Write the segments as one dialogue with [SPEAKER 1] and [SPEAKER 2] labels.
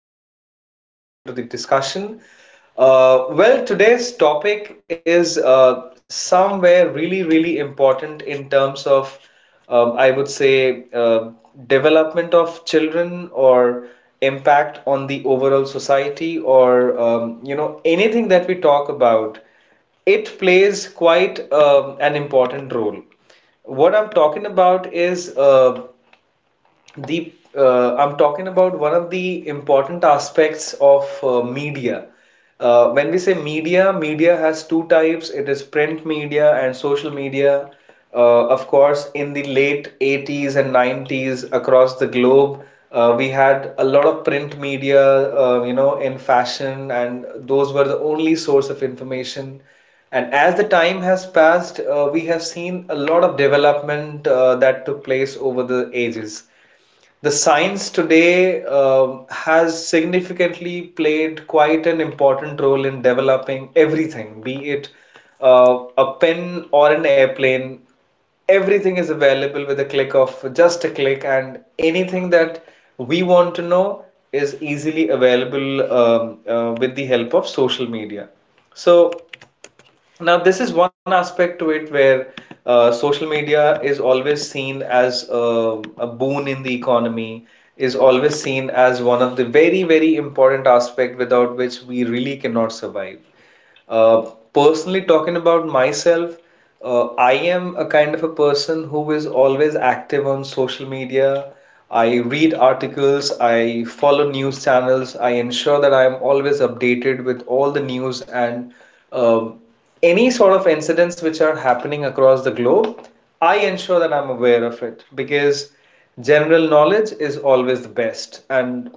[SPEAKER 1] their insights into the discussion. Today's topic is somewhere really, really important in terms of um, I would say, uh, development of children or impact on the overall society, or you know anything that we talk about, it plays quite an important role. What I'm talking about is the I'm talking about one of the important aspects of media. When we say media, media has two types. It is print media and social media. Of course, in the late 80s and 90s across the globe, we had a lot of print media, you know, in fashion, and those were the only source of information. And as the time has passed, we have seen a lot of development that took place over the ages. The science today has significantly played quite an important role in developing everything, be it a pen or an airplane. Everything is available with a click of just a click, and anything that we want to know is easily available with the help of social media. So, now, this is one aspect to it where social media is always seen as a boon in the economy, is always seen as one of the very, very important aspect without which we really cannot survive. Uh, Personally, talking about myself, I am a kind of a person who is always active on social media. I read articles, I follow news channels, I ensure that I am always updated with all the news and um any sort of incidents which are happening across the globe. I ensure that I'm aware of it because general knowledge is always the best. And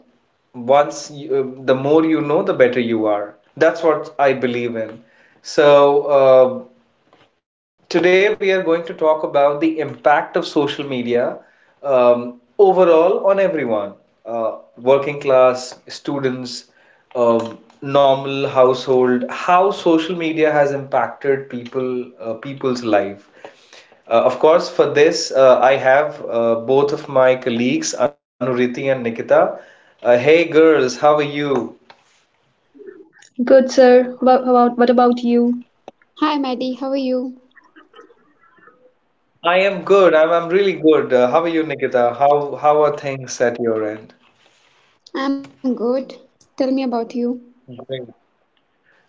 [SPEAKER 1] the more you know, the better you are. That's what I believe in. So, uh, Today, we are going to talk about the impact of social media, overall on everyone, working class, students, normal household, how social media has impacted people's life. Of course, for this, I have both of my colleagues, Anuriti and Nikita. Hey girls, how are you?
[SPEAKER 2] Good, sir. What about you?
[SPEAKER 3] Hi, Maddie. How are you?
[SPEAKER 1] I am good. I'm really good. How are you, Nikita? How are things at your end?
[SPEAKER 3] I'm good. Tell me about you.
[SPEAKER 1] Great.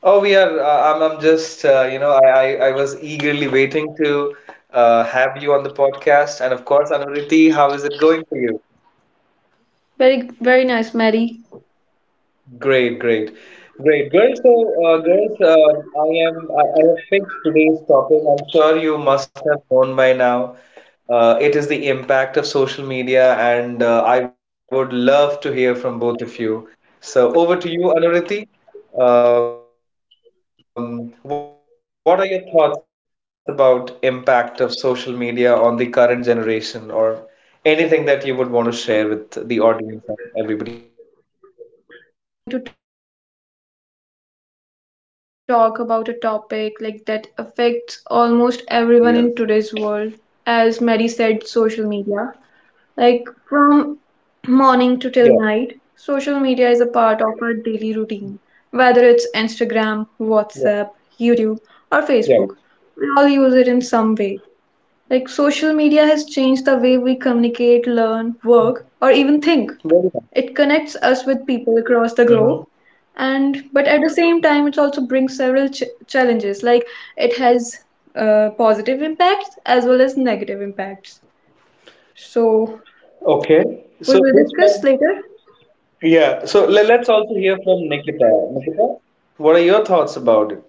[SPEAKER 1] Oh, we are. I'm just, you know, I was eagerly waiting to have you on the podcast. And of course, Anuriti, how is it going for you?
[SPEAKER 2] Very very nice, Mary.
[SPEAKER 1] Great, great, great, girls. So, girls, I have picked today's topic. I'm sure you must have known by now. It is the impact of social media, and I would love to hear from both of you. So, over to you, Anuriti. What are your thoughts about impact of social media on the current generation, or anything that you would want to share with the audience and everybody else?
[SPEAKER 2] Yeah, like today we are going to talk about a topic like that affects almost everyone in today's world. As Mary said, social
[SPEAKER 1] Mm-hmm.
[SPEAKER 2] media. Like
[SPEAKER 1] Yeah,
[SPEAKER 2] from morning to till night, social media is
[SPEAKER 1] yeah,
[SPEAKER 2] a part of our daily routine. Whether it's Instagram, WhatsApp, YouTube, or
[SPEAKER 1] yeah,
[SPEAKER 2] Facebook, we all use it in
[SPEAKER 1] yeah.
[SPEAKER 2] some way. Like social media has changed the way we communicate, learn, work, or even think. It connects us
[SPEAKER 1] Very.
[SPEAKER 2] with people across the globe. And
[SPEAKER 1] Uh-huh.
[SPEAKER 2] but at the same time, it also brings several challenges. Like it has positive impacts as well as negative impacts. So we
[SPEAKER 1] Okay.
[SPEAKER 2] will
[SPEAKER 1] So
[SPEAKER 2] discuss
[SPEAKER 1] this one,
[SPEAKER 2] later.
[SPEAKER 1] yeah. So let's also hear from Nikita. Nikita, what are your thoughts about it?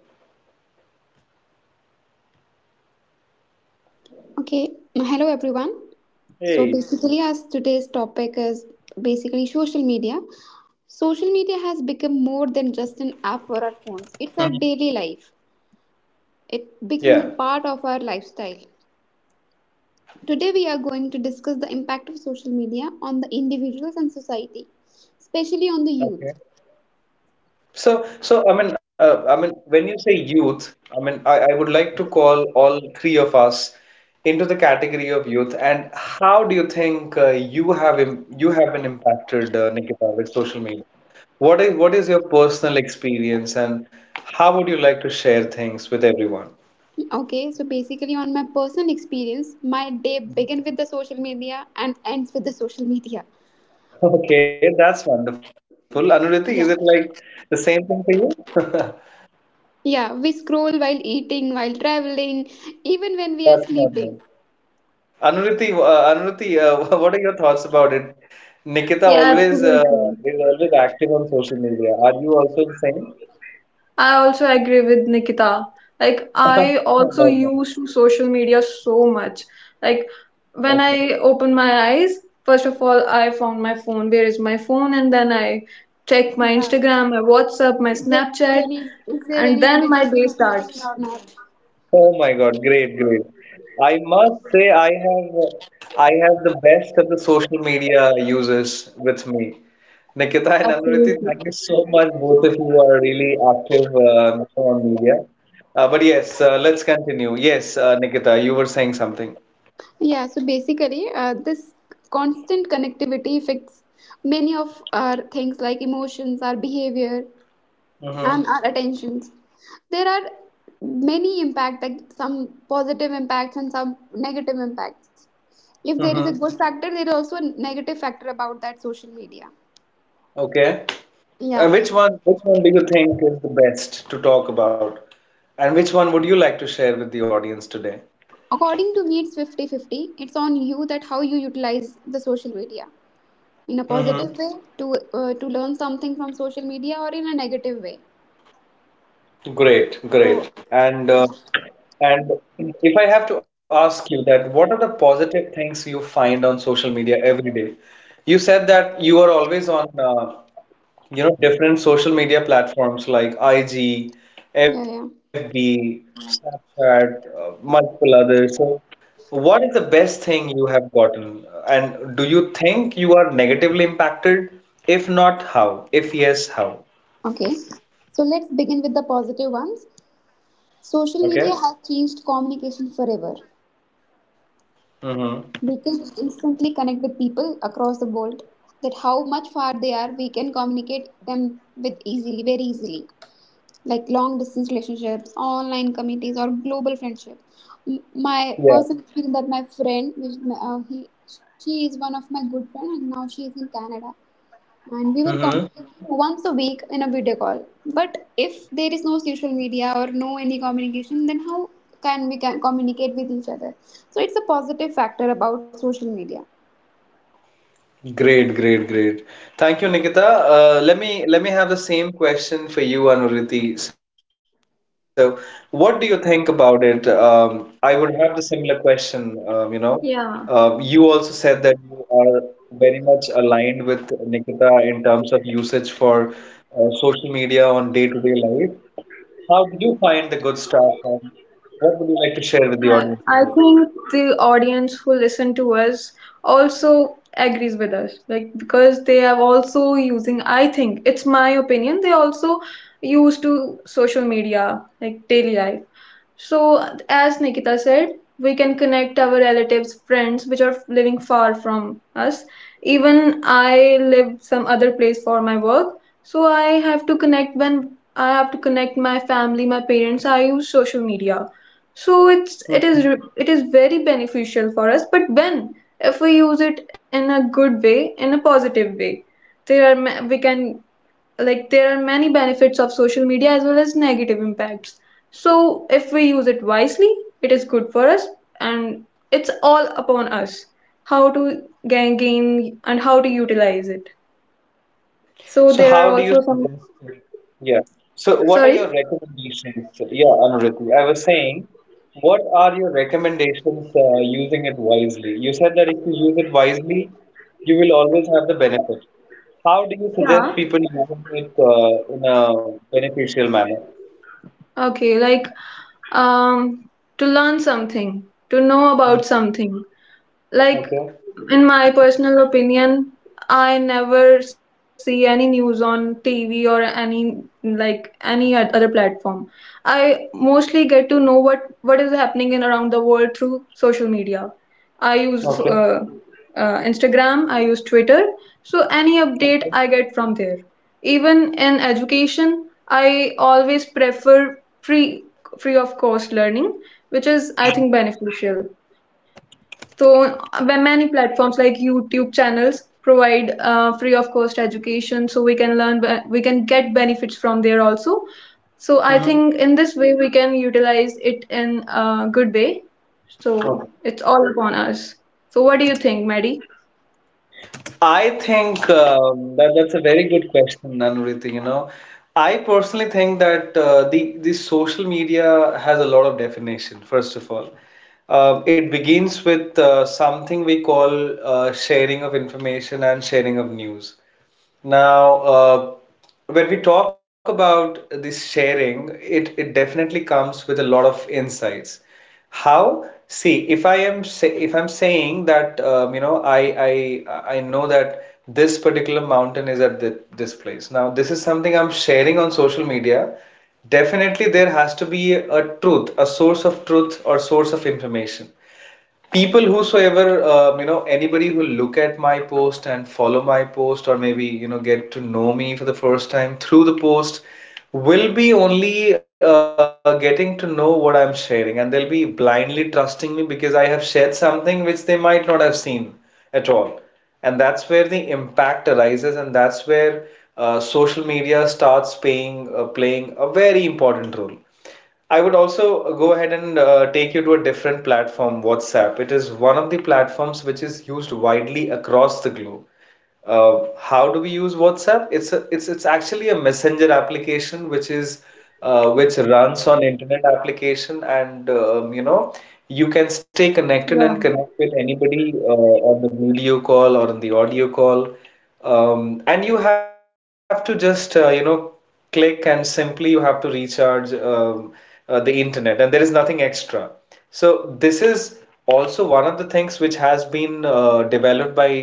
[SPEAKER 3] Okay. Hello, everyone. So
[SPEAKER 1] Hey.
[SPEAKER 3] basically, as today's topic is basically social media. Social media has become more than just
[SPEAKER 1] Mhm.
[SPEAKER 3] an app for our phones. It's our daily life.
[SPEAKER 1] Yeah.
[SPEAKER 3] It becomes a part of our lifestyle. Today, we are going to discuss the impact of social media on the individuals and society, especially on the youth.
[SPEAKER 1] Okay. I mean, when you say youth, I would like to call all three of us into the category of youth. And how do you think you have been impacted, Nikita, with social media? What is your personal experience, and how would you like to share things with everyone?
[SPEAKER 3] Okay, so basically, on my personal experience, my day begins with the social media and ends with the social media.
[SPEAKER 1] Okay, that's wonderful. Anuriti, is it like
[SPEAKER 3] Yeah.
[SPEAKER 1] the same thing for you? That's
[SPEAKER 3] Yeah, we scroll while eating, while traveling, even when
[SPEAKER 1] not
[SPEAKER 3] we are
[SPEAKER 1] nice.
[SPEAKER 3] sleeping.
[SPEAKER 1] Anuriti, what are your thoughts about it? Nikita
[SPEAKER 2] Yeah,
[SPEAKER 1] always
[SPEAKER 2] absolutely.
[SPEAKER 1] is always active on social media. Are you also the same?
[SPEAKER 2] I also agree with Nikita. Like, I
[SPEAKER 1] Oh my
[SPEAKER 2] also
[SPEAKER 1] God.
[SPEAKER 2] used to social media so much. Like,
[SPEAKER 1] Okay.
[SPEAKER 2] when I opened my eyes, first of all, I found my phone. Where is my phone? And then I checked my
[SPEAKER 3] Yeah.
[SPEAKER 2] Instagram, my WhatsApp, my
[SPEAKER 3] Is there any
[SPEAKER 2] Snapchat,
[SPEAKER 3] is there any
[SPEAKER 2] and
[SPEAKER 3] emergency
[SPEAKER 2] then my day
[SPEAKER 3] notification or
[SPEAKER 2] starts.
[SPEAKER 3] not?
[SPEAKER 1] Oh my God, great, great. I must say I have the best of the social media users with me. Nikita
[SPEAKER 2] Yeah,
[SPEAKER 1] and Anuriti, thank
[SPEAKER 2] absolutely.
[SPEAKER 1] you so much. Both of you are really active on media. But yes, let's continue. Yes, Nikita, you were saying something.
[SPEAKER 3] Yeah, so basically, this constant connectivity affects many of our things like emotions, our behavior, and
[SPEAKER 1] Mm-hmm.
[SPEAKER 3] our attentions. There are many impact, like some positive impacts and some negative impacts. If there
[SPEAKER 1] Mm-hmm.
[SPEAKER 3] is a good factor, there is also a negative factor about that social media.
[SPEAKER 1] Okay. Uh,
[SPEAKER 3] Yeah.
[SPEAKER 1] which one, which one do you think is the best to talk about? And which one would you like to share with the audience today?
[SPEAKER 3] According to me, it's 50-50. It's on you that how you utilize the social media in a positive
[SPEAKER 1] Mm-hmm.
[SPEAKER 3] way to to learn something from social media or in a negative way.
[SPEAKER 1] Great,
[SPEAKER 3] So,
[SPEAKER 1] great. And if I have to ask you that, what are the positive things you find on social media every day? You said that you are always on, you know, different social media platforms like IG,
[SPEAKER 3] yeah, yeah.
[SPEAKER 1] FB, Snapchat, multiple others. So, what is the best thing you have gotten? And do you think you are negatively impacted? If not, how? If yes, how?
[SPEAKER 3] Okay. So, let's begin with the positive ones. Social media has
[SPEAKER 1] Okay.
[SPEAKER 3] changed communication forever. We can
[SPEAKER 1] Mm-hmm.
[SPEAKER 3] instantly connect with people across the world that how much far they are, we can communicate them with easily, very easily. Like long distance relationships, online committees, or global friendship. My personal
[SPEAKER 1] Yeah.
[SPEAKER 3] feeling that my friend, which he she is one of my good friend, and now she is in Canada, and we were
[SPEAKER 1] Mm-hmm.
[SPEAKER 3] communicating once a week in a video call. But if there is no social media or no any communication, then how can we can communicate with each other? So it's a positive factor about social media.
[SPEAKER 1] Great, great, great. Thank you, Nikita. Let me have the same question for you, Anuriti. So, what do you think about it? I would have the similar question. You also
[SPEAKER 2] Yeah.
[SPEAKER 1] said that you are very much aligned with Nikita in terms of usage for social media on day-to-day life. How did you find the good stuff, and what would you like to
[SPEAKER 2] Uh,
[SPEAKER 1] share with the
[SPEAKER 2] I
[SPEAKER 1] audience
[SPEAKER 2] think
[SPEAKER 1] today?
[SPEAKER 2] the audience who listen to us also agrees with us, like because they are also using. I think it's my opinion. They also use to social media, like daily life. So, as Nikita said, we can connect our relatives, friends, which are living far from us. Even I live some other place for my work, so I have to connect my family, my parents. I use social media, so it is very beneficial for us. But when if we use it in a good way, in a positive way, we can, like, there are many benefits of social media as well as negative impacts. So if we use it wisely, it is good for us, and it's all upon us how to gain and how to utilize it. So
[SPEAKER 1] So,
[SPEAKER 2] there are
[SPEAKER 1] how
[SPEAKER 2] also
[SPEAKER 1] do you
[SPEAKER 2] some
[SPEAKER 1] suggest? Yeah. So,
[SPEAKER 2] sorry.
[SPEAKER 1] what are your recommendations? Yeah, Anuruti, I was saying, what are your recommendations using it wisely? You said that if you use it wisely, you will always have the benefit. How do you suggest
[SPEAKER 2] Yeah.
[SPEAKER 1] people using it in a beneficial manner?
[SPEAKER 2] Okay, like um to learn something, to know about
[SPEAKER 1] Mm.
[SPEAKER 2] something. Like,
[SPEAKER 1] Okay.
[SPEAKER 2] in my personal opinion, I never see any news on TV or any any other platform. I mostly get to know what is happening in around the world through social media. I use
[SPEAKER 1] Okay.
[SPEAKER 2] Instagram, I use Twitter. So any update
[SPEAKER 1] Okay.
[SPEAKER 2] I get from there. Even in education, I always prefer free free of cost learning, which is I think beneficial. So, when many platforms like YouTube channels provide free of cost education, so we can learn, we can get benefits from there also. So, I
[SPEAKER 1] Hmm.
[SPEAKER 2] think in this way we can utilize it in a good way.
[SPEAKER 1] Okay.
[SPEAKER 2] So, it's all upon us. So, what do you think, Maddie?
[SPEAKER 1] I think that's a very good question, Anuriti. You know, I personally think that the social media has a lot of definition, first of all. It begins with something we call sharing of information and sharing of news. Now, when we talk about this sharing, it definitely comes with a lot of insights. How? See, if I'm saying that you know I know that this particular mountain is at this place. Now, this is something I'm sharing on social media. Definitely there has to be a truth, a source of truth or source of information. People whosoever you know, anybody who look at my post and follow my post, or maybe you know get to know me for the first time through the post, will be only getting to know what I'm sharing, and they'll be blindly trusting me because I have shared something which they might not have seen at all. And that's where the impact arises, and that's where social media starts paying playing a very important role. I would also go ahead and take you to a different platform, WhatsApp. It is one of the platforms which is used widely across the globe. How do we use WhatsApp? It's actually a messenger application which is which runs on internet application, and you know, you can stay connected
[SPEAKER 2] Yeah,
[SPEAKER 1] and connect with anybody on the video call or on the audio call. And you have to just you know, click and simply you have to recharge the internet, and there is nothing extra. So this is also one of the things which has been developed by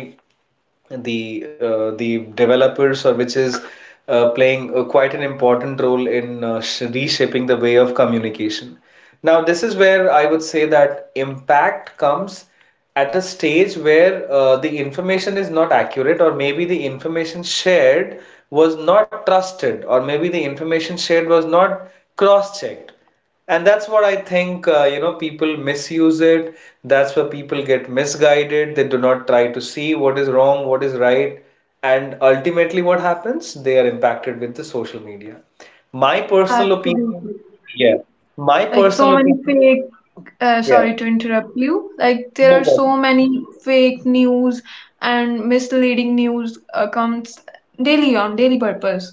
[SPEAKER 1] the developers, or which is playing quite an important role in reshaping the way of communication. Now, this is where I would say that impact comes at a stage where the information is not accurate, or maybe the information shared was not trusted, or maybe the information shared was not cross-checked. And that's what I think, you know, people misuse it. That's where people get misguided. They do not try to see what is wrong, what is right, and ultimately what happens, they are impacted with the social media. My
[SPEAKER 2] yeah,
[SPEAKER 1] personal opinion.
[SPEAKER 2] absolutely.
[SPEAKER 1] Yeah, my
[SPEAKER 2] Like so
[SPEAKER 1] personal
[SPEAKER 2] many
[SPEAKER 1] opinion.
[SPEAKER 2] fake,
[SPEAKER 1] Yeah,
[SPEAKER 2] sorry to interrupt you. Like there
[SPEAKER 1] no
[SPEAKER 2] are
[SPEAKER 1] problem.
[SPEAKER 2] so many fake news and misleading news comes daily on daily purpose.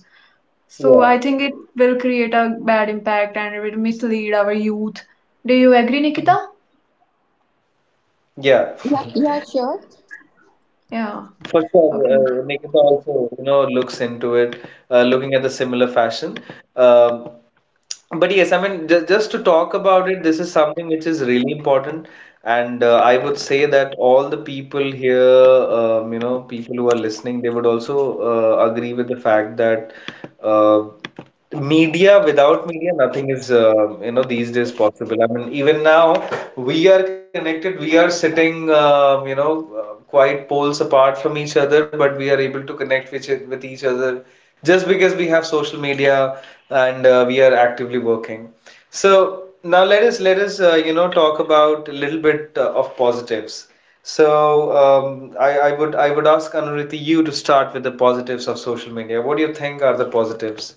[SPEAKER 2] So
[SPEAKER 1] Yeah.
[SPEAKER 2] I think it will create a bad impact and it will mislead our youth. Do you agree, Nikita?
[SPEAKER 1] Yeah,
[SPEAKER 3] Yeah, yeah, sure.
[SPEAKER 2] Yeah.
[SPEAKER 1] for sure.
[SPEAKER 2] Okay.
[SPEAKER 1] Nikita also, you know, looks into it, looking at the similar fashion. Um but yes, I mean, just to talk about it, this is something which is really important. And I would say that all the people here, you know, people who are listening, they would also agree with the fact that uh, media, without media, nothing is, you know, these days possible. I mean, even now, we are connected, we are sitting, you know, quite poles apart from each other, but we are able to connect with, with each other just because we have social media, and we are actively working. So now let us talk about a little bit of positives. So I would ask Anuriti you to start with the positives of social media. What do you think are the positives?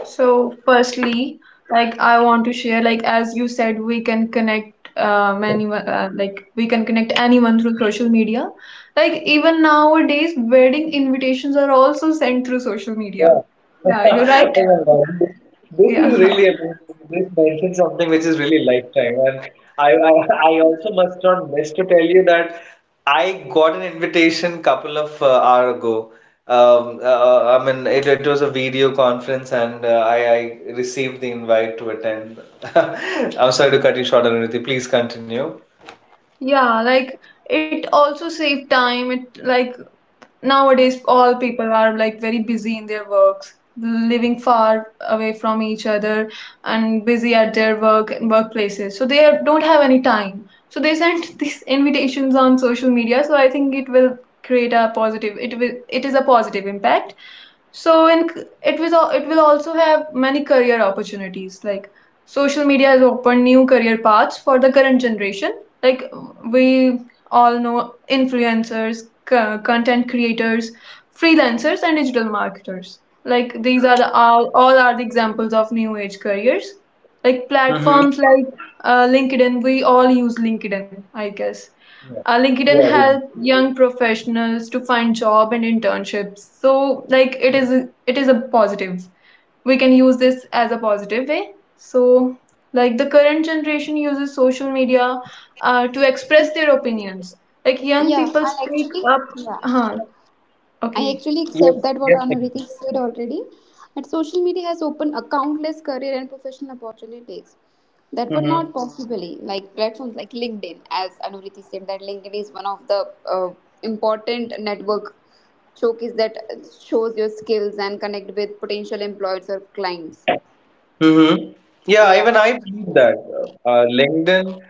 [SPEAKER 2] So firstly, like I want to share, like as you said, we can connect anyone through social media. Like even nowadays, wedding invitations are also sent through social
[SPEAKER 1] Yeah.
[SPEAKER 2] media. Yeah, you're right.
[SPEAKER 1] Oh my God. This is
[SPEAKER 2] Yeah.
[SPEAKER 1] really amazing. You just mentioned something which is really lifetime. And I, I, I also must not miss to tell you that I got an invitation couple of hour ago. I mean, it was a video conference and I received the invite to attend. I'm sorry to cut you short, Anirudh. Please continue.
[SPEAKER 2] Yeah, like it also save time. It like nowadays, all people are like very busy in their works, living far away from each other and busy at their work and workplaces. So they don't have any time. So they send these invitations on social media. So I think it will create a positive. It will. It is a positive impact. So in it will it will also have many career opportunities, like social media has opened new career paths for the current generation. Like we all know influencers, content creators, freelancers, and digital marketers, like these are the, all are the examples of new age careers. Like
[SPEAKER 1] Mm-hmm.
[SPEAKER 2] platforms like LinkedIn, we all use LinkedIn I guess.
[SPEAKER 1] Yeah.
[SPEAKER 2] LinkedIn
[SPEAKER 1] Yeah, we do.
[SPEAKER 2] help young professionals to find job and internships. So like it is a positive. We can use this as a positive way. So like the current generation uses social media to express their opinions, like
[SPEAKER 3] Yeah,
[SPEAKER 2] young people
[SPEAKER 3] I actually
[SPEAKER 2] speak up.
[SPEAKER 3] yeah.
[SPEAKER 2] Huh.
[SPEAKER 3] I
[SPEAKER 2] Okay,
[SPEAKER 3] actually accept that
[SPEAKER 1] Yes,
[SPEAKER 3] what
[SPEAKER 1] yes,
[SPEAKER 3] Anuriti
[SPEAKER 1] Nikita.
[SPEAKER 3] said already, that social media has opened a countless career and professional opportunities that were not
[SPEAKER 1] Mm-hmm.
[SPEAKER 3] possibly like platforms like LinkedIn, as Anuriti said, that LinkedIn is one of the important network showcase that shows your skills and connect with potential employers or clients.
[SPEAKER 1] Mm-hmm. Yeah,
[SPEAKER 3] Yeah,
[SPEAKER 1] even I believe that LinkedIn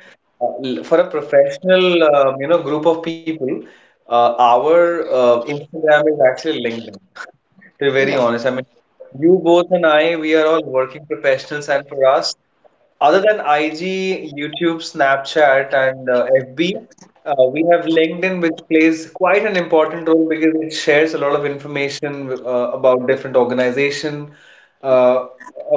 [SPEAKER 1] for a professional, you know, group of people, our Instagram is actually LinkedIn. To be very
[SPEAKER 3] yeah,
[SPEAKER 1] honest, I mean, you both and I, we are all working professionals, and for us, other than IG, YouTube, Snapchat, and FB, we have LinkedIn, which plays quite an important role because it shares a lot of information about different organization, uh,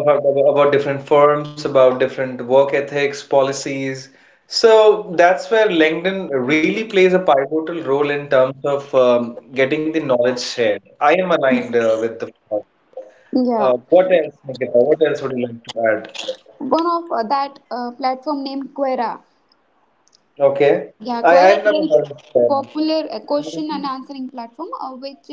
[SPEAKER 1] about, about different firms, about different work ethics, policies. So that's where LinkedIn really plays a pivotal role in terms of getting the knowledge shared. I am aligned with the.
[SPEAKER 3] yeah.
[SPEAKER 1] What else, Nikita? What else would you like to add?
[SPEAKER 3] One of that platform named Quora.
[SPEAKER 1] Okay.
[SPEAKER 3] Yeah,
[SPEAKER 1] I,
[SPEAKER 3] Quora
[SPEAKER 1] I've
[SPEAKER 3] is
[SPEAKER 1] never
[SPEAKER 3] very
[SPEAKER 1] heard of Plana.
[SPEAKER 3] popular question and answering platform which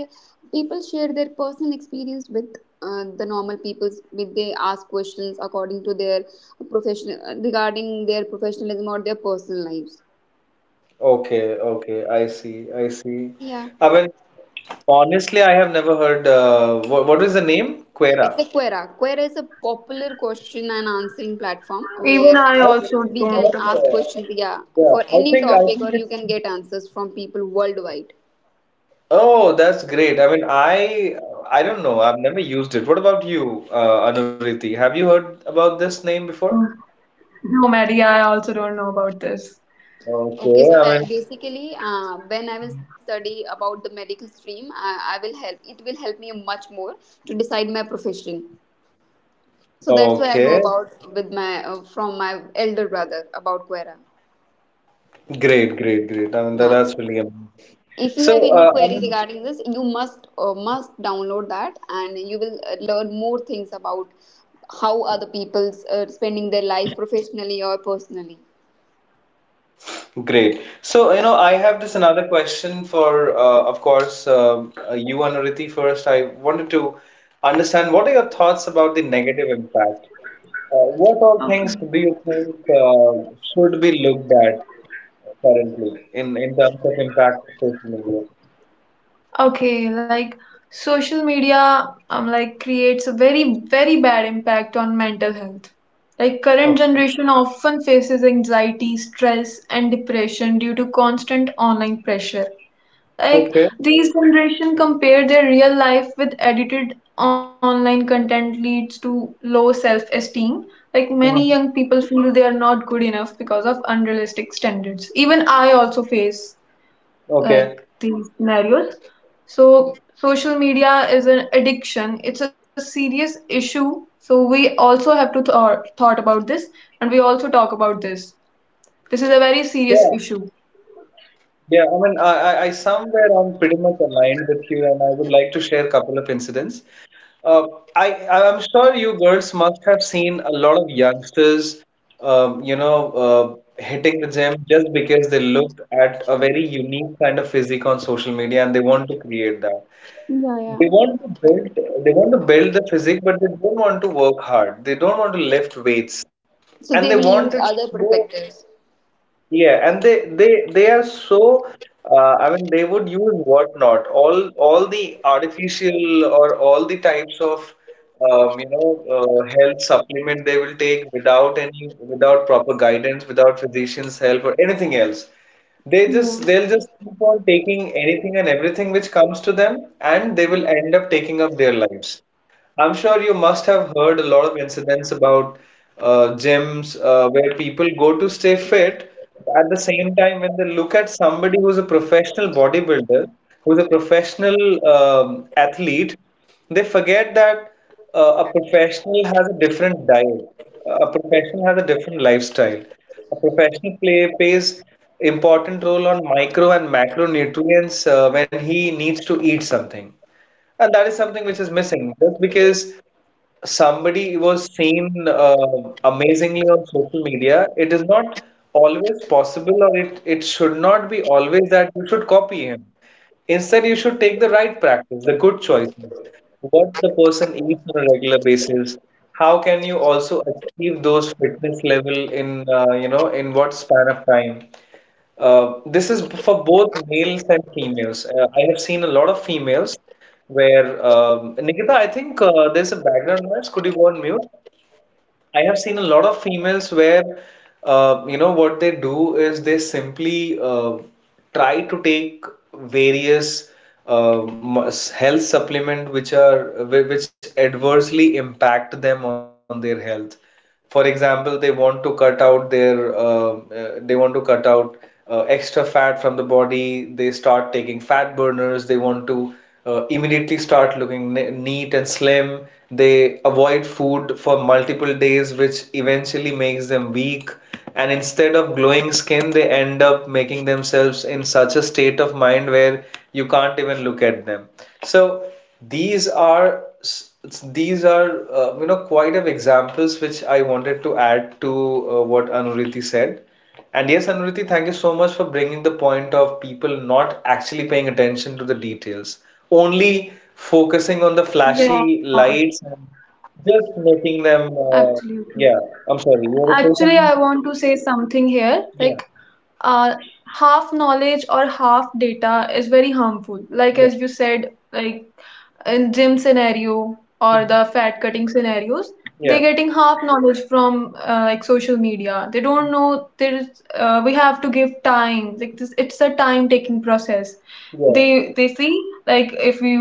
[SPEAKER 3] people share their personal experience with the normal people. With they ask questions according to their professional regarding their professionalism or their personal lives.
[SPEAKER 1] Okay, okay. I see. I see.
[SPEAKER 3] Yeah,
[SPEAKER 1] I mean, honestly, I have never heard. What is the name?
[SPEAKER 3] it's a
[SPEAKER 1] Quera.
[SPEAKER 3] Quora. Quora is a popular question and answering platform
[SPEAKER 2] even
[SPEAKER 3] where
[SPEAKER 2] I
[SPEAKER 1] I think
[SPEAKER 2] also
[SPEAKER 3] we
[SPEAKER 1] it's
[SPEAKER 3] can
[SPEAKER 2] don't
[SPEAKER 1] not.
[SPEAKER 2] about
[SPEAKER 3] ask
[SPEAKER 2] this.
[SPEAKER 3] questions. Yeah,
[SPEAKER 1] Yeah,
[SPEAKER 3] for
[SPEAKER 1] I
[SPEAKER 3] any
[SPEAKER 1] think I
[SPEAKER 3] topic,
[SPEAKER 1] think
[SPEAKER 3] or you
[SPEAKER 1] it's.
[SPEAKER 3] can get answers from people worldwide.
[SPEAKER 1] Oh, that's great. I mean, I don't know. I've never used it. What about you, Anuriti? Have you heard about this name before?
[SPEAKER 2] No, no, Mary, I also don't know about this.
[SPEAKER 3] Okay,
[SPEAKER 1] Okay,
[SPEAKER 3] so
[SPEAKER 1] I mean,
[SPEAKER 3] basically, when I will study about the medical stream, I will help. It will help me much more to decide my profession. So that's why I know
[SPEAKER 1] okay.
[SPEAKER 3] about with my from my elder brother about Quera.
[SPEAKER 1] Great, great, great. I mean, that,
[SPEAKER 3] Yeah.
[SPEAKER 1] that's really amazing.
[SPEAKER 3] If you have
[SPEAKER 1] So,
[SPEAKER 3] any
[SPEAKER 1] I
[SPEAKER 3] query
[SPEAKER 1] mean,
[SPEAKER 3] regarding this, you must download that, and you will learn more things about how other people's spending their life professionally or personally.
[SPEAKER 1] great. So, you know, I have this another question for, of course, you, Anuriti, first. I wanted to understand what are your thoughts about the negative impact? What all things do you think should be looked at currently in terms of impact of social media?
[SPEAKER 2] Okay, like social media like creates a very bad impact on mental health. Like current
[SPEAKER 1] Oh.
[SPEAKER 2] generation often faces anxiety, stress and depression due to constant online pressure. Like
[SPEAKER 1] Okay.
[SPEAKER 2] these generation compare their real life with edited online content leads to low self-esteem. Like many young
[SPEAKER 1] Mhm.
[SPEAKER 2] people feel they are not good enough because of unrealistic standards. Even I also face like
[SPEAKER 1] Okay.
[SPEAKER 2] these scenarios. So, social media is an addiction. It's a serious issue. So, we also have to thought about this, and we also talk about this. This is a very
[SPEAKER 1] Yeah.
[SPEAKER 2] serious issue.
[SPEAKER 1] Yeah. I mean, I somewhere I'm pretty much aligned with you, and I would like to share a couple of incidents. Uh, I I'm sure you girls must have seen a lot of youngsters, you know, hitting the gym just because they looked at a very unique kind of physique on social media and they want to create that.
[SPEAKER 3] Yeah, yeah.
[SPEAKER 1] They want to build, they want to build the physique, but they don't want to work hard. They don't want to lift weights,
[SPEAKER 3] So
[SPEAKER 1] and they
[SPEAKER 3] they will
[SPEAKER 1] want
[SPEAKER 3] use
[SPEAKER 1] it
[SPEAKER 3] other
[SPEAKER 1] slow.
[SPEAKER 3] perspectives.
[SPEAKER 1] Yeah, and they are so I mean they would use whatnot all the artificial or all the types of you know health supplement they will take without any without proper guidance without physician's help or anything else.
[SPEAKER 3] Yeah.
[SPEAKER 1] They'll just keep on taking anything and everything which comes to them and they will end up taking up their lives. I'm sure you must have heard a lot of incidents about gyms where people go to stay fit. At the same time, when they look at somebody who's a professional bodybuilder, who's a professional athlete, they forget that a professional has a different diet, a professional has a different lifestyle. A professional plays important role on micro and macronutrients when he needs to eat something. And that is something which is missing. Just because somebody was seen amazingly on social media, it is not always possible, or it should not be always that you should copy him. Instead, you should take the right practice, the good choices, what the person eats on a regular basis. How can you also achieve those fitness level in you know in what span of time? This is for both males and females. I have seen a lot of females where, Nikita, I think there's a background noise. Could you go on mute? I have seen a lot of females where, you know, what they do is they simply try to take various uh, health supplement which are which adversely impact them on their health. For example, they want to cut out their they want to cut out extra fat from the body. They start taking fat burners. They want to immediately start looking neat and slim. They avoid food for multiple days, which eventually makes them weak. And instead of glowing skin, they end up making themselves in such a state of mind where you can't even look at them. So these are s- these are you know quite of examples which I wanted to add to what Anuriti said. And yes, Anuriti, thank you so much for bringing the point of people not actually paying attention to the details, only focusing on the flashy
[SPEAKER 2] Yeah,
[SPEAKER 1] lights and just making them.
[SPEAKER 2] absolutely.
[SPEAKER 1] Yeah, I'm sorry, you want to say
[SPEAKER 2] Actually, I
[SPEAKER 1] something?
[SPEAKER 2] want to say something here. Like,
[SPEAKER 1] Yeah,
[SPEAKER 2] uh, half knowledge or half data is very harmful. Like
[SPEAKER 1] yeah,
[SPEAKER 2] as you said, like in gym scenario or
[SPEAKER 1] Mhm.
[SPEAKER 2] the fat cutting scenarios, they're
[SPEAKER 1] yeah,
[SPEAKER 2] getting half knowledge from like social media. They don't know there's we have to give time. Like this, it's a time taking process.
[SPEAKER 1] yeah,
[SPEAKER 2] They see, like if we,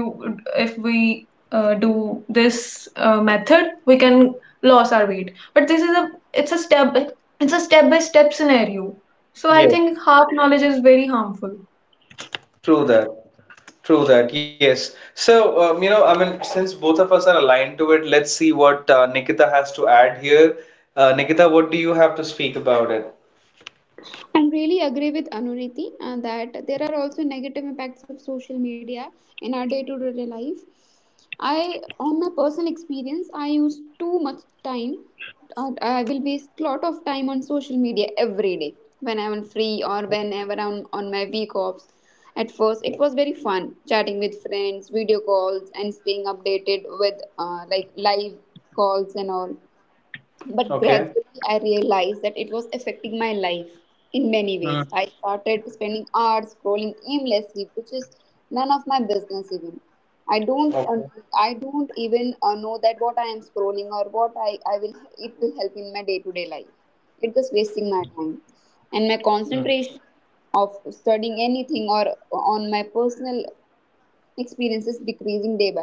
[SPEAKER 2] do this method, we can lose our weight. But this is a, it's a step, it's a step by step scenario. So I
[SPEAKER 1] yes,
[SPEAKER 2] think half knowledge is very harmful.
[SPEAKER 1] true that, true that, yes. So, you know, I mean, since both of us are aligned to it, let's see what Nikita has to add here. Nikita, what do you have to speak about it?
[SPEAKER 3] And really agree with Anuriti that there are also negative impacts of social media in our day-to-day life. I, on my personal experience, I use too much time. I will waste lot of time on social media every day when I'm free or whenever I'm on my week offs. At first, it was very fun chatting with friends, video calls, and staying updated with like live calls and all, but
[SPEAKER 1] Okay.
[SPEAKER 3] gradually, I realized that it was affecting my life in many
[SPEAKER 1] Hmm.
[SPEAKER 3] ways. I started spending hours scrolling aimlessly, which is none of my business even. I don't, uh,
[SPEAKER 1] Okay.
[SPEAKER 3] I don't even know that what I am scrolling or what I will, it will help in my day-to-day life. It's just wasting my time, and my
[SPEAKER 1] Mm.
[SPEAKER 3] concentration of studying anything or on my personal experiences decreasing day by day.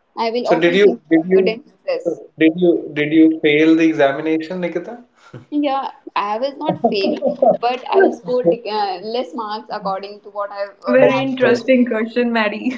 [SPEAKER 3] I will
[SPEAKER 1] So did
[SPEAKER 3] often
[SPEAKER 1] you
[SPEAKER 3] feel
[SPEAKER 1] did you
[SPEAKER 3] tired and
[SPEAKER 1] so
[SPEAKER 3] stressed.
[SPEAKER 1] did you fail the examination, Nikita?
[SPEAKER 3] Yeah, I was not failed, but I will score less marks according to what I
[SPEAKER 2] Very
[SPEAKER 1] Okay.
[SPEAKER 3] have.
[SPEAKER 2] interesting question, Maddie.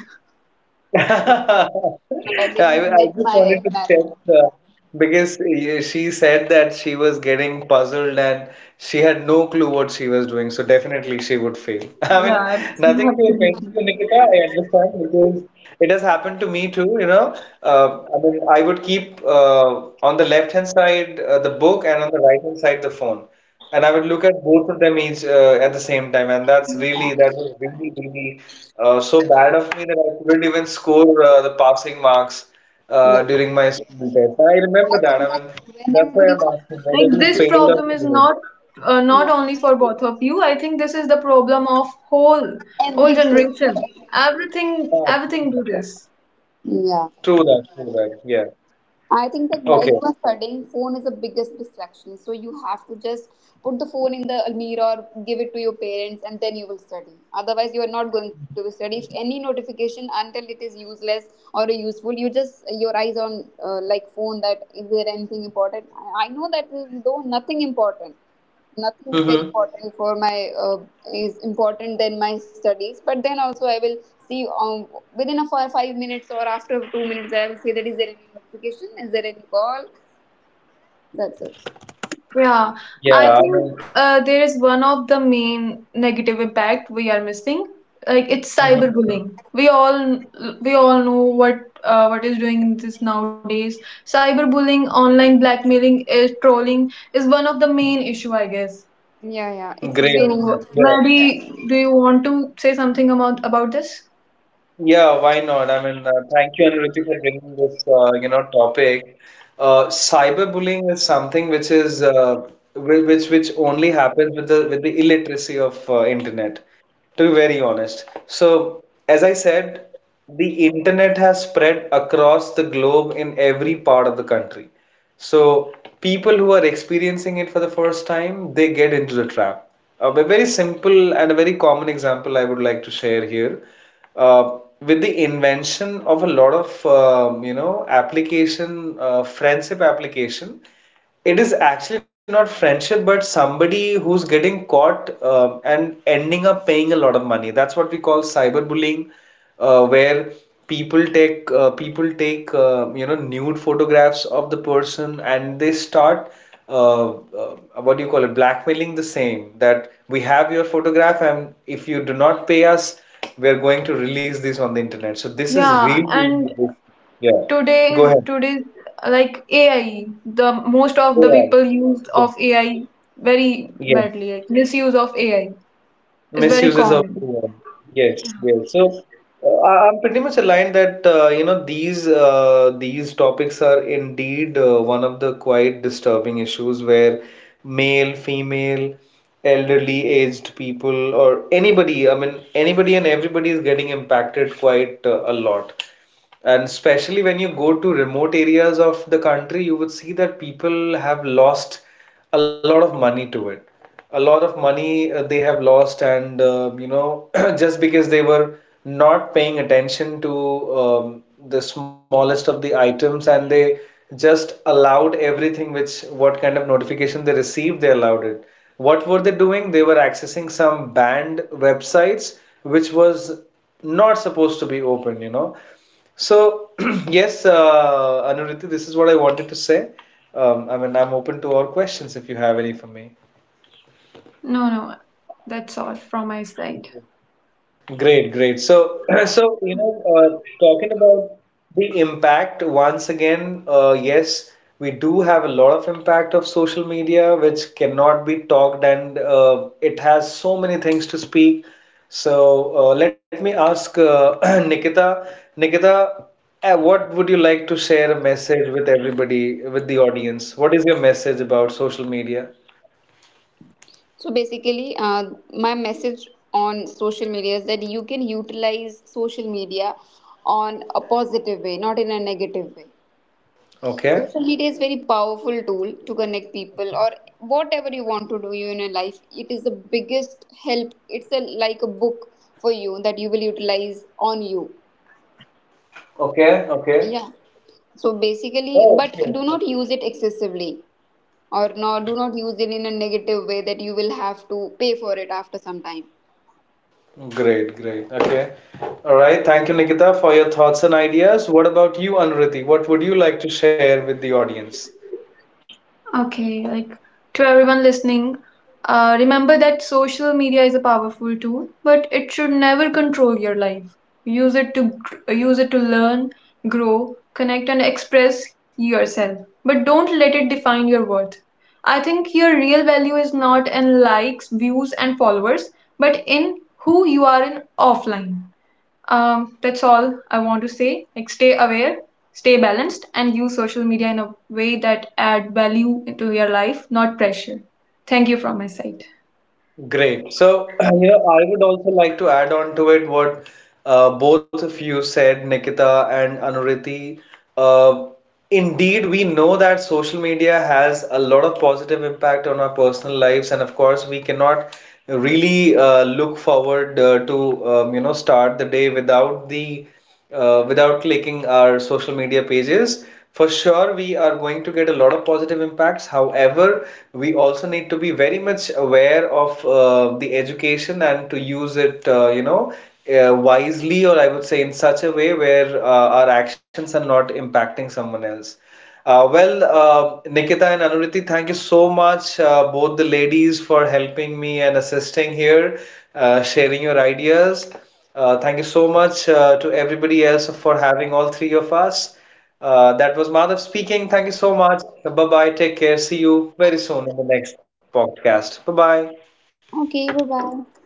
[SPEAKER 3] But I did
[SPEAKER 1] Yeah,
[SPEAKER 3] not
[SPEAKER 1] I
[SPEAKER 3] met
[SPEAKER 1] just wanted
[SPEAKER 3] my
[SPEAKER 1] to
[SPEAKER 3] merit.
[SPEAKER 1] check because she said that she was getting puzzled and she had no clue what she was doing, so definitely she would fail. I mean,
[SPEAKER 2] Yeah,
[SPEAKER 1] nothing to offend you,
[SPEAKER 2] absolutely.
[SPEAKER 1] Nikita. I understand because it has happened to me too. You know, I mean, I would keep on the left hand side the book and on the right hand side the phone. And I would look at both of them each at the same time, and
[SPEAKER 3] Yeah.
[SPEAKER 1] that was really really so bad of me that I couldn't even score the passing marks
[SPEAKER 3] Yeah,
[SPEAKER 1] during my school test. I remember
[SPEAKER 3] I
[SPEAKER 1] that. I
[SPEAKER 3] think
[SPEAKER 1] mean,
[SPEAKER 3] that
[SPEAKER 1] that's
[SPEAKER 3] whenever
[SPEAKER 1] why
[SPEAKER 3] you
[SPEAKER 1] I'm
[SPEAKER 3] are,
[SPEAKER 1] asking
[SPEAKER 2] Like
[SPEAKER 1] whether you
[SPEAKER 2] this
[SPEAKER 1] failed
[SPEAKER 2] problem is
[SPEAKER 1] or
[SPEAKER 2] not
[SPEAKER 1] cleared.
[SPEAKER 2] not
[SPEAKER 3] yeah,
[SPEAKER 2] only for both of you. I think this is the problem of whole
[SPEAKER 3] every
[SPEAKER 2] whole
[SPEAKER 3] student, or
[SPEAKER 2] generation.
[SPEAKER 3] every youth,
[SPEAKER 2] Everything
[SPEAKER 1] Ah, true
[SPEAKER 2] everything do
[SPEAKER 1] that.
[SPEAKER 2] this.
[SPEAKER 3] yeah.
[SPEAKER 1] True that. True that. Yeah.
[SPEAKER 3] I think that while you
[SPEAKER 1] Okay.
[SPEAKER 3] are studying, phone is the biggest distraction. So you have to just put the phone in the almirah or give it to your parents, and then you will study. Otherwise, you are not going to be study. If any notification until it is useless or useful, you just your eyes on like phone. That is there anything important? I know that though nothing important, nothing is very
[SPEAKER 1] Mm-hmm.
[SPEAKER 3] important for my is important than my studies, but then also I will see within a four, 5 minutes or after 2 minutes I will say that is there any notification, is there any call, that's it.
[SPEAKER 2] Yeah,
[SPEAKER 1] Yeah. I
[SPEAKER 2] I
[SPEAKER 1] mean,
[SPEAKER 2] think there is one of the main negative impact we are missing. Like it's
[SPEAKER 1] hmm.
[SPEAKER 2] cyberbullying. We all we all know what is doing this nowadays. Cyberbullying, online blackmailing, is trolling is one of the main issue, I guess.
[SPEAKER 3] Yeah, yeah,
[SPEAKER 1] Great.
[SPEAKER 3] it's very
[SPEAKER 1] Great.
[SPEAKER 2] So,
[SPEAKER 1] Yeah.
[SPEAKER 3] yeah.
[SPEAKER 2] Maddie, do you want to say something about this?
[SPEAKER 1] Yeah, why not? I mean, thank you, Anirudh, for bringing this, you know, topic. Cyberbullying is something which is which only happens with the illiteracy of internet, to be very honest. So, as I said. The internet has spread across the globe in every part of the country. So people who are experiencing it for the first time, they get into the trap. A very simple and a very common example I would like to share here. With the invention of a lot of you know application, friendship application. It is actually not friendship, but somebody who's getting caught and ending up paying a lot of money. That's what we call cyberbullying, where people take you know nude photographs of the person and they start uh, uh, what do you call it blackmailing the same that we have your photograph and if you do not pay us, we are going to release this on the internet. So this is
[SPEAKER 2] Yeah,
[SPEAKER 1] real.
[SPEAKER 2] and
[SPEAKER 1] yeah. Go
[SPEAKER 2] today's
[SPEAKER 1] ahead.
[SPEAKER 2] today's like AI, the most of the
[SPEAKER 1] AI.
[SPEAKER 2] people use
[SPEAKER 1] Yeah.
[SPEAKER 2] of AI very
[SPEAKER 1] Yes.
[SPEAKER 2] badly. Like misuse of AI is very
[SPEAKER 1] Misuses of
[SPEAKER 2] common.
[SPEAKER 1] AI. Yes, yes. So I'm pretty much aligned that you know these topics are indeed one of the quite disturbing issues where male, female, elderly, aged people, or anybody, I mean anybody and everybody is getting impacted quite a lot. And especially when you go to remote areas of the country, you would see that people have lost a lot of money to it. A lot of money they have lost, and you know, just because they were not paying attention to um, the smallest of the items, and they just allowed everything which what kind of notification they received, they allowed it. What were they doing? They were accessing some banned websites, which was not supposed to be open, you know. So, yes, Anirudh, this is what I wanted to say. I mean, I'm open to all questions if you have any for me.
[SPEAKER 2] No, no, that's all from my side.
[SPEAKER 1] Great, great. So, so you know, talking about the impact once again, yes, we do have a lot of impact of social media, which cannot be talked, and it has so many things to speak. So, let me ask Nikita. Nikita, what would you like to share a message with everybody, with the audience? What is your message about social media?
[SPEAKER 3] So basically, my message on social media is that you can utilize social media on a positive way, not in a negative way. Social
[SPEAKER 1] Okay.
[SPEAKER 3] media is very powerful tool to connect people or whatever you want to do in your life. It is the biggest help. It's a, like a book for you that you will utilize on you.
[SPEAKER 1] Okay, okay.
[SPEAKER 3] Yeah. So basically,
[SPEAKER 1] Oh,
[SPEAKER 3] but
[SPEAKER 1] okay.
[SPEAKER 3] do not use it excessively or no, do not use it in a negative way that you will have to pay for it after some time.
[SPEAKER 1] Great, great. Okay. All right. Thank you, Nikita, for your thoughts and ideas. What about you, Anuriti? What would you like to share with the audience?
[SPEAKER 2] Okay, like to everyone listening, remember that social media is a powerful tool, but it should never control your life. Use it to learn, grow, connect, and express yourself. But don't let it define your worth. I think your real value is not in likes, views, and followers, but in who you are in offline. That's all I want to say. Like, stay aware, stay balanced, and use social media in a way that add value into your life, not pressure. Thank you from my side.
[SPEAKER 1] Great. So, you know, I would also like to add on to it what both of you said, Nikita and Anuriti. Uh, Indeed, we know that social media has a lot of positive impact on our personal lives, and of course, we cannot really look forward to you know start the day without the without clicking our social media pages. For sure, we are going to get a lot of positive impacts. However, we also need to be very much aware of the education and to use it, you know, wisely, or I would say in such a way where our actions are not impacting someone else. Well, Nikita and Anuriti, thank you so much, both the ladies, for helping me and assisting here, sharing your ideas. Thank you so much to everybody else for having all three of us. That was Madhav speaking. Thank you so much. Bye bye. Take care. See you very soon in the next podcast. Bye bye.
[SPEAKER 3] Okay, bye bye.